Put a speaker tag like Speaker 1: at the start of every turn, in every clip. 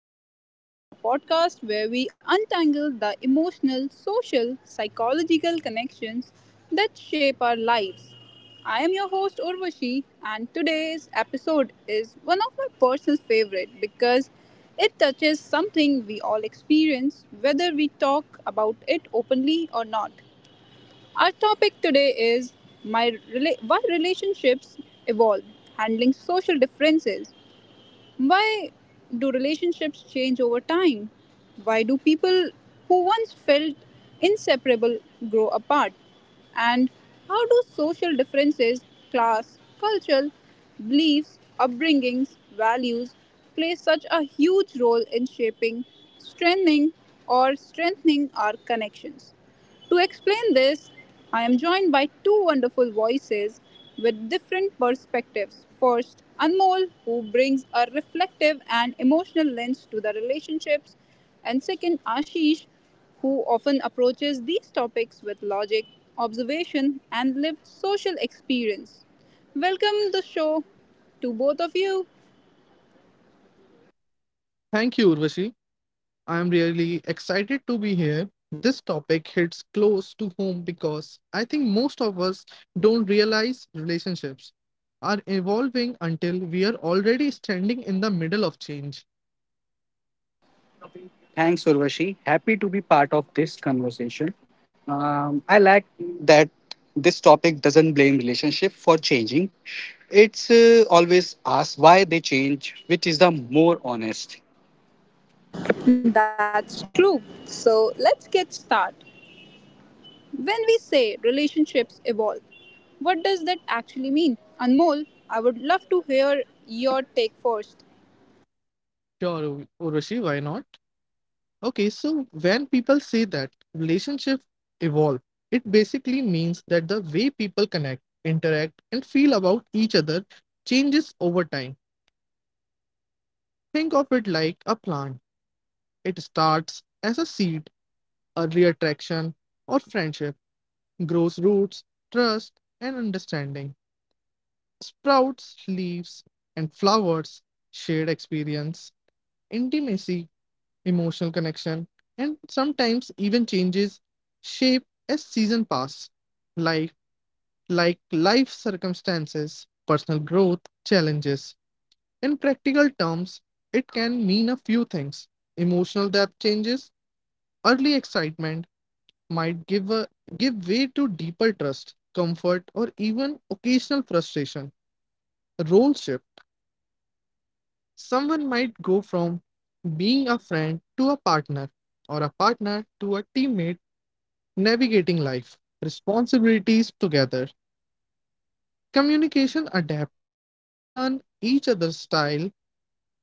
Speaker 1: our podcast, the podcast where we untangle the emotional, social, psychological connections that shape our lives. I am your host, Urvashi, and today's episode is one of my personal favorite because it touches something we all experience, whether we talk about it openly or not. Our topic today is why relationships evolve, handling social differences. Why do relationships change over time? Why do people who once felt inseparable grow apart? And how do social differences, class, cultural beliefs, upbringings, values play such a huge role in shaping, strengthening, or strengthening our connections? To explain this, I am joined by two wonderful voices with different perspectives. First, Anmol, who brings a reflective and emotional lens to the relationships, and second, Ashish, who often approaches these topics with logic, observation, and lived social experience. Welcome the show to both of you.
Speaker 2: Thank you, Urvashi. I am really excited to be here. This topic hits close to home because I think most of us don't realize relationships are evolving until we are already standing in the middle of change.
Speaker 3: Thanks, Urvashi. Happy to be part of this conversation. I like that this topic doesn't blame relationship for changing. It's always asks why they change, which is the more honest.
Speaker 1: That's true. So let's get started. When we say relationships evolve, what does that actually mean? Anmol, I would love to hear your take first.
Speaker 2: Sure, Urvashi, why not? Okay, so when people say that relationships evolve, it basically means that the way people connect, interact, and feel about each other changes over time. Think of it like a plant. It starts as a seed, early attraction, or friendship, grows roots, trust, and understanding. Sprouts, leaves, and flowers shared experience, intimacy, emotional connection, and sometimes even changes shape as season pass. Life, like life circumstances, personal growth, challenges. In practical terms, it can mean a few things. Emotional depth changes. Early excitement might give way to deeper trust, comfort, or even occasional frustration. Role shift. Someone might go from being a friend to a partner, or a partner to a teammate, navigating life, responsibilities together. Communication adapts. You learn each other's style,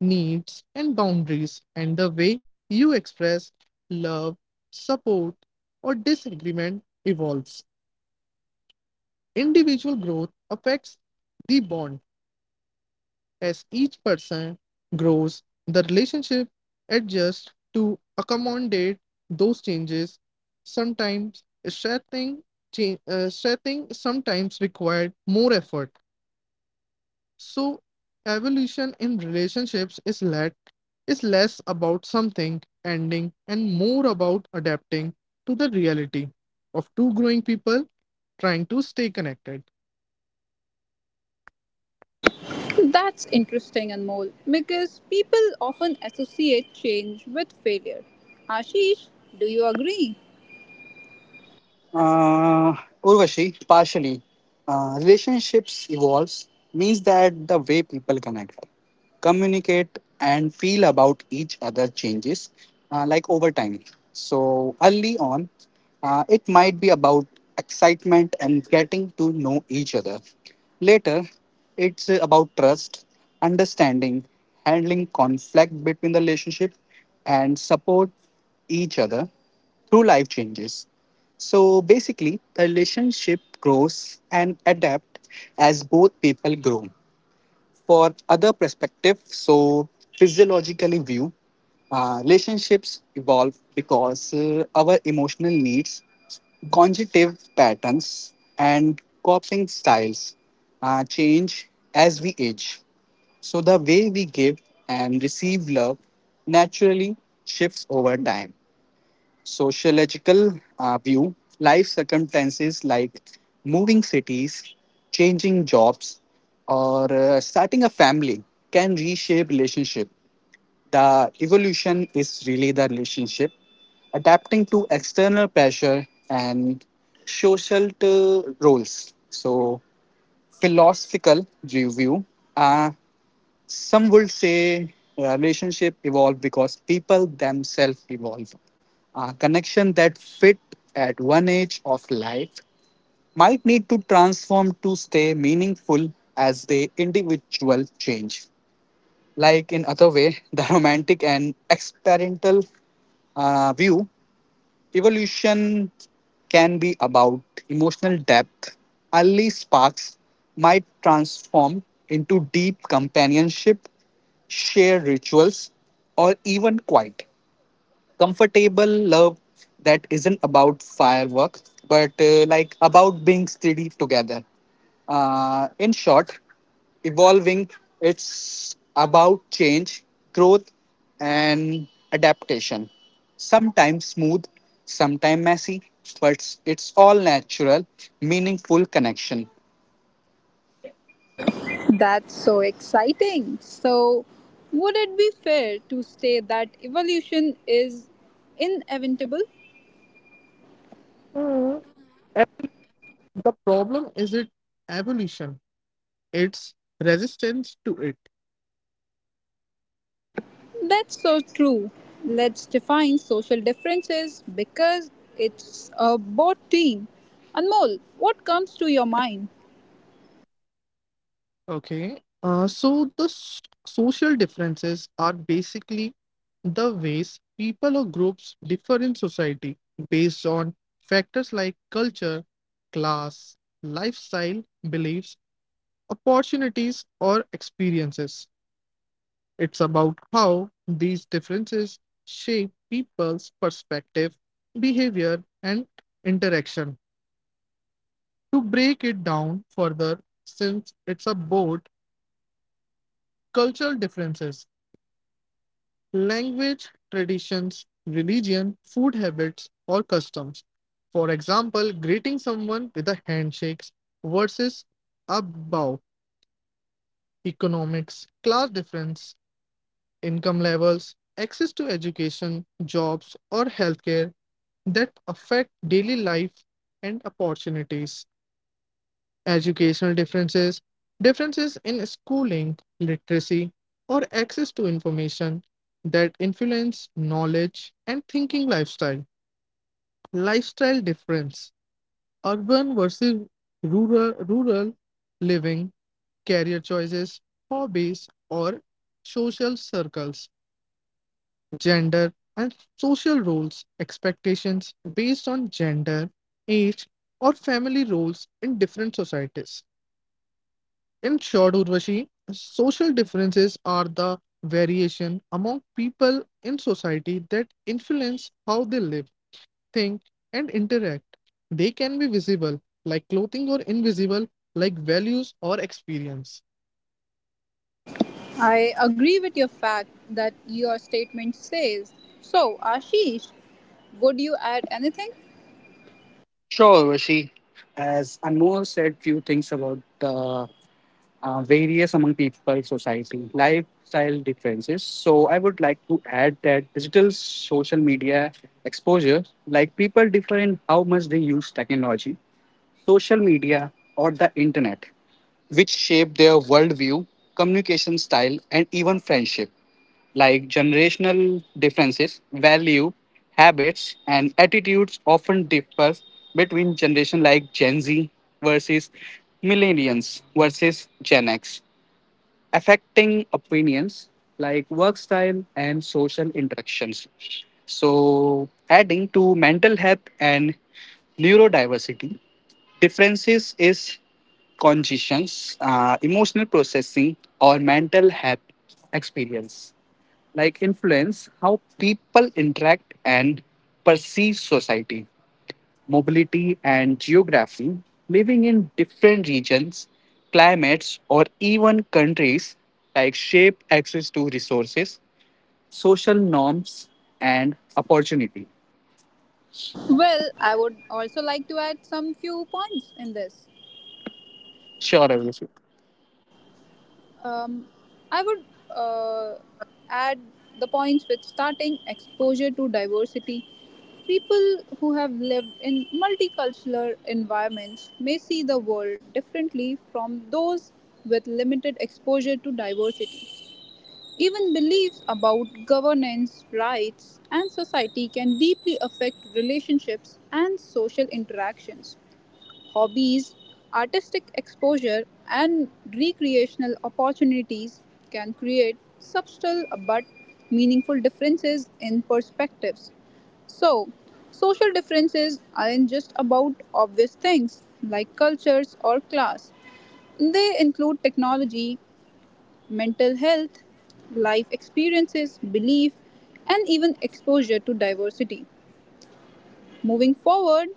Speaker 2: needs, and boundaries, and the way you express love, support, or disagreement evolves. Individual growth affects the bond. As each person grows, the relationship adjusts to accommodate those changes, sometimes setting sometimes required more effort. So evolution in relationships is less about something ending and more about adapting to the reality of two growing people trying to stay connected.
Speaker 1: That's interesting, Anmol, because people often associate change with failure. Ashish, do you agree?
Speaker 3: Uh, Urvashi, partially. Relationships evolves means that the way people connect, communicate, and feel about each other changes, like over time. So early on, it might be about excitement and getting to know each other. Later, it's about trust, understanding, handling conflict between the relationship, and support each other through life changes. So basically, the relationship grows and adapt as both people grow. For other perspective, so physiologically view, relationships evolve because our emotional needs, conjunctive patterns, and coping styles change as we age. So the way we give and receive love naturally shifts over time, sociological view, life circumstances like moving cities, changing jobs, or starting a family can reshape relationship. The evolution is really the relationship, adapting to external pressure and social roles. So philosophical review. uh, some would say relationship evolve because people themselves evolve. A connection that fit at one age of life might need to transform to stay meaningful as the individual change. Like in other way, the romantic and experimental view. Evolution can be about emotional depth. Early sparks might transform into deep companionship, shared rituals, or even quiet comfortable love that isn't about firework but like about being steady together, in short, evolving, it's about change, growth, and adaptation, sometimes smooth, sometimes messy, but it's all natural meaningful connection.
Speaker 1: That's so exciting. So, would it be fair to say that evolution is inevitable?
Speaker 2: Mm. And the problem is it evolution, its resistance to it.
Speaker 1: That's so true. Let's define social differences because it's a both team. Anmol, what comes to your mind?
Speaker 2: Okay. So social differences are basically the ways people or groups differ in society based on factors like culture, class, lifestyle, beliefs, opportunities, or experiences. It's about how these differences shape people's perspective, behavior, and interaction. To break it down further, since it's a board. Cultural differences, language, traditions, religion, food habits, or customs. For example, greeting someone with a handshake versus a bow. Economics, class difference, income levels, access to education, jobs, or healthcare that affect daily life and opportunities. Educational differences, differences in schooling, literacy, or access to information that influence knowledge and thinking lifestyle. Lifestyle difference, urban versus rural living, career choices, hobbies, or social circles. Gender and social roles, expectations based on gender, age, or family roles in different societies. In short, Urvashi, social differences are the variation among people in society that influence how they live, think, and interact. They can be visible, like clothing, or invisible, like values or experience.
Speaker 1: I agree with your fact that your statement says. So, Ashish, would you add anything?
Speaker 3: Sure, Rishi. As Anmol said few things about the varies among people, society, lifestyle differences. So, I would like to add that digital social media exposure, like people differ in how much they use technology, social media, or the internet, which shape their worldview, communication style, and even friendship. Like generational differences, value, habits, and attitudes often differ between generation like Gen Z versus millennials versus Gen X, affecting opinions like work style and social interactions. So, adding to mental health and neurodiversity, differences is conditions, emotional processing, or mental health experience, like influence how people interact and perceive society, mobility, and geography, living in different regions, climates, or even countries like shape access to resources, social norms, and opportunity.
Speaker 1: Well, I would also like to add some few points in this.
Speaker 3: Sure, Abhishek.
Speaker 1: Um, I would uh, add the points with starting exposure to diversity. People who have lived in multicultural environments may see the world differently from those with limited exposure to diversity. Even beliefs about governance, rights, and society can deeply affect relationships and social interactions. Hobbies, artistic exposure, and recreational opportunities can create subtle but meaningful differences in perspectives. So, social differences aren't just about obvious things like cultures or class, they include technology, mental health, life experiences, belief, and even exposure to diversity. Moving forward,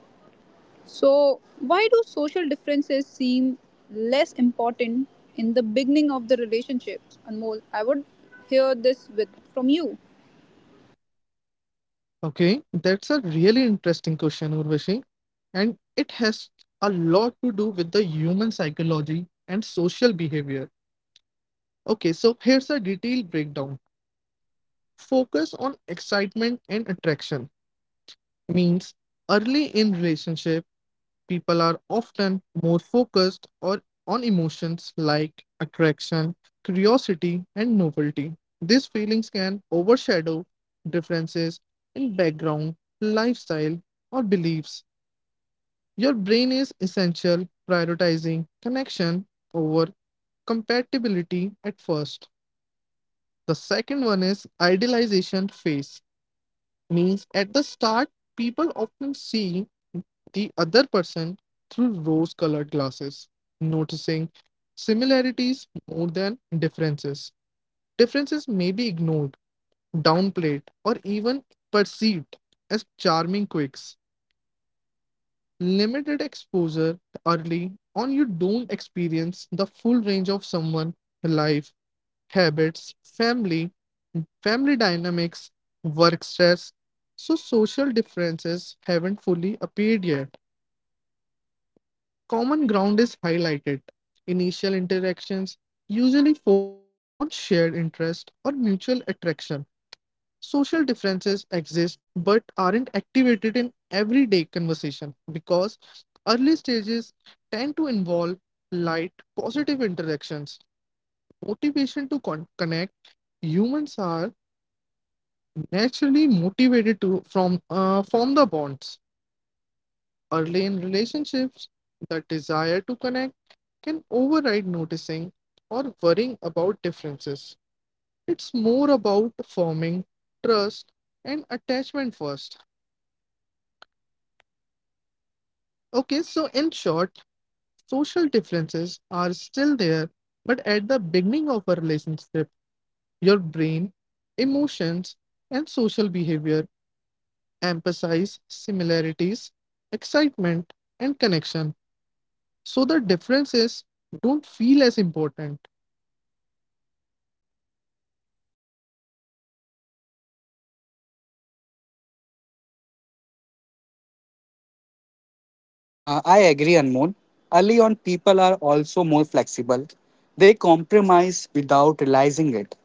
Speaker 1: so, why do social differences seem less important in the beginning of the relationships? Anmol, I would hear this with from you.
Speaker 2: Okay, that's a really interesting question, Urvashi, and it has a lot to do with the human psychology and social behavior. Okay, so here's a detailed breakdown. Focus on excitement and attraction means early in relationship people are often more focused or on emotions like attraction, curiosity, and novelty. These feelings can overshadow differences in background, lifestyle, or beliefs. Your brain is essential prioritizing connection over compatibility at first. The second one is idealization phase means at the start, people often see the other person through rose colored glasses, noticing similarities more than differences. Differences may be ignored, downplayed, or even perceived as charming quirks. Limited exposure early on, you don't experience the full range of someone's life habits, family dynamics, work stress. So, social differences haven't fully appeared yet. Common ground is highlighted. Initial interactions usually focus on shared interest or mutual attraction. Social differences exist but aren't activated in everyday conversation because early stages tend to involve light, positive interactions. Motivation to connect, humans are naturally motivated to from form the bonds early in relationships. The desire to connect can override noticing or worrying about differences. It's more about forming trust and attachment first. Okay, so in short, social differences are still there, but at the beginning of a relationship your brain, emotions, and social behavior emphasize similarities, excitement, and connection. So the differences don't feel as important.
Speaker 3: I agree, Anmol. Early on, people are also more flexible. They compromise without realizing it.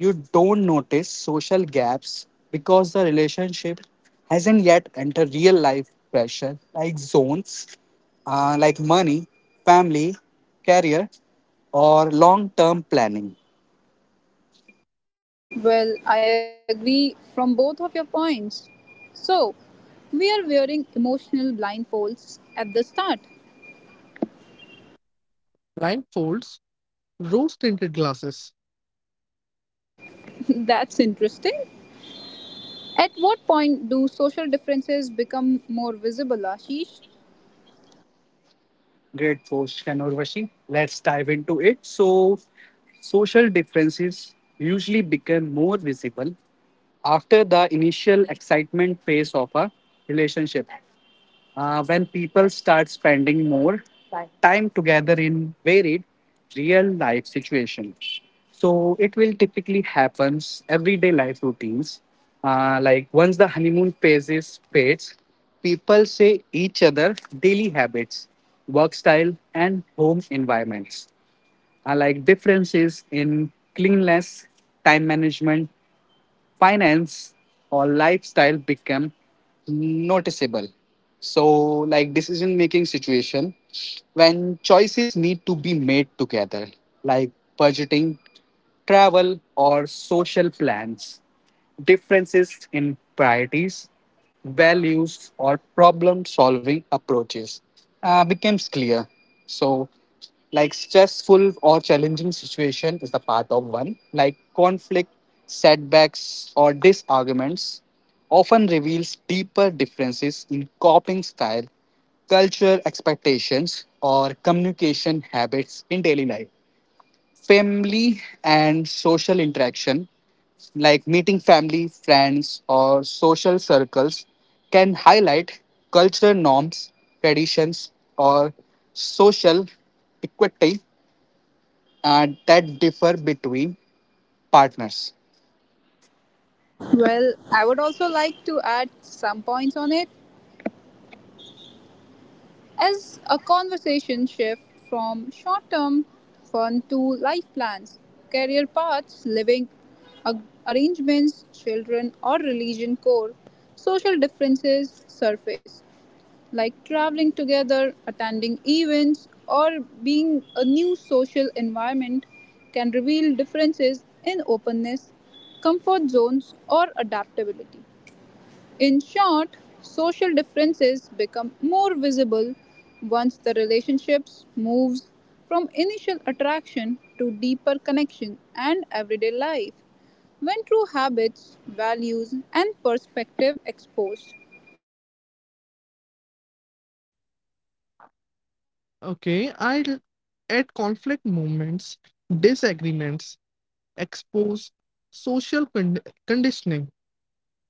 Speaker 3: You don't notice social gaps because the relationship hasn't yet entered real life pressure like zones, like money, family, career, or long term planning.
Speaker 1: Well, I agree from both of your points. So, we are wearing emotional blindfolds at the start.
Speaker 2: Blindfolds, rose tinted glasses.
Speaker 1: That's interesting. At what point do social differences become more visible, Ashish?
Speaker 3: Great question, Urvashi. Let's dive into it. So, social differences usually become more visible after the initial excitement phase of a relationship. When people start spending more time together in varied real life situations. So it will typically happens everyday life routines. Like once the honeymoon phase is fades, people say each other daily habits, work style, and home environments. Like differences in cleanliness, time management, finance or lifestyle become noticeable, so like decision making situation when choices need to be made together, like budgeting, travel, or social plans, differences in priorities, values, or problem solving approaches becomes clear. So, like stressful or challenging situation is the part of one, like conflict, setbacks, or disarguments often reveals deeper differences in coping style, cultural expectations, or communication habits in daily life. Family and social interaction like meeting family, friends, or social circles can highlight cultural norms, traditions, or social equity that differ between partners.
Speaker 1: Well, I would also like to add some points on it. As a conversation shift from short term fun to life plans, career paths, arrangements, children, or religion core, social differences surface, like traveling together, attending events, or being a new social environment can reveal differences in openness, comfort zones, or adaptability. In short, social differences become more visible once the relationships moves from initial attraction to deeper connection and everyday life, when true habits, values and perspective exposed.
Speaker 2: Okay, I will add conflict moments, disagreements, expose social con- conditioning.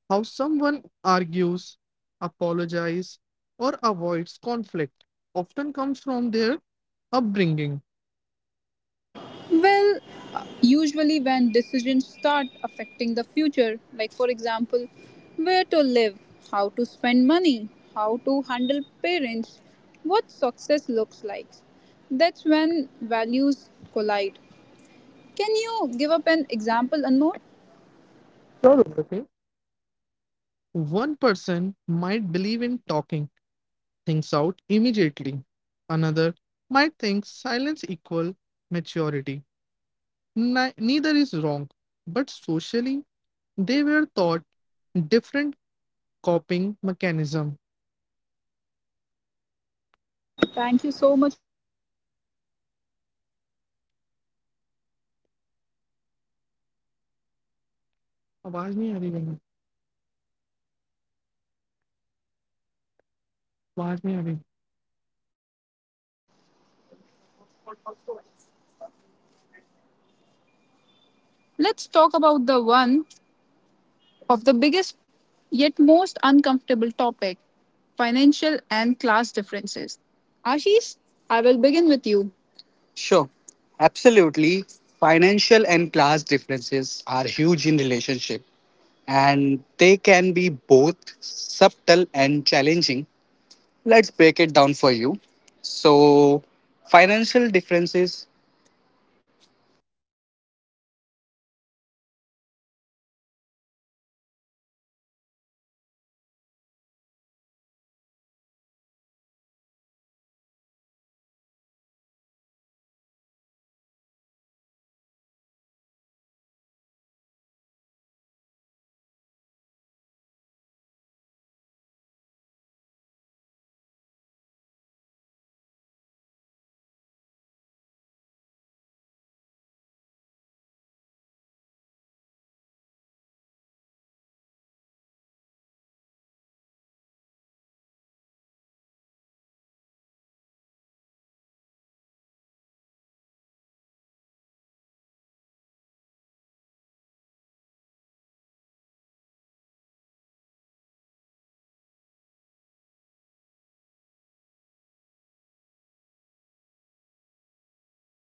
Speaker 2: How someone argues, apologizes, or avoids conflict often comes from their upbringing.
Speaker 1: Well, usually when decisions start affecting the future, like for example, where to live, how to spend money, how to handle parents, what success looks like, that's when values collide. Can you give up an example, Anmol?
Speaker 2: Sure, okay. One person might believe in talking things out immediately. Another might think silence equal maturity. Neither is wrong, but socially they were taught different coping mechanism. आवाज नहीं आ रही है, आवाज नहीं आ रही।
Speaker 3: Let's talk about the one of the biggest yet most uncomfortable topic, financial and class differences. Ashish, I will begin with you. Sure, absolutely. Financial and class differences are huge in relationship and they can be both subtle and challenging. Let's break it down for you. So, financial differences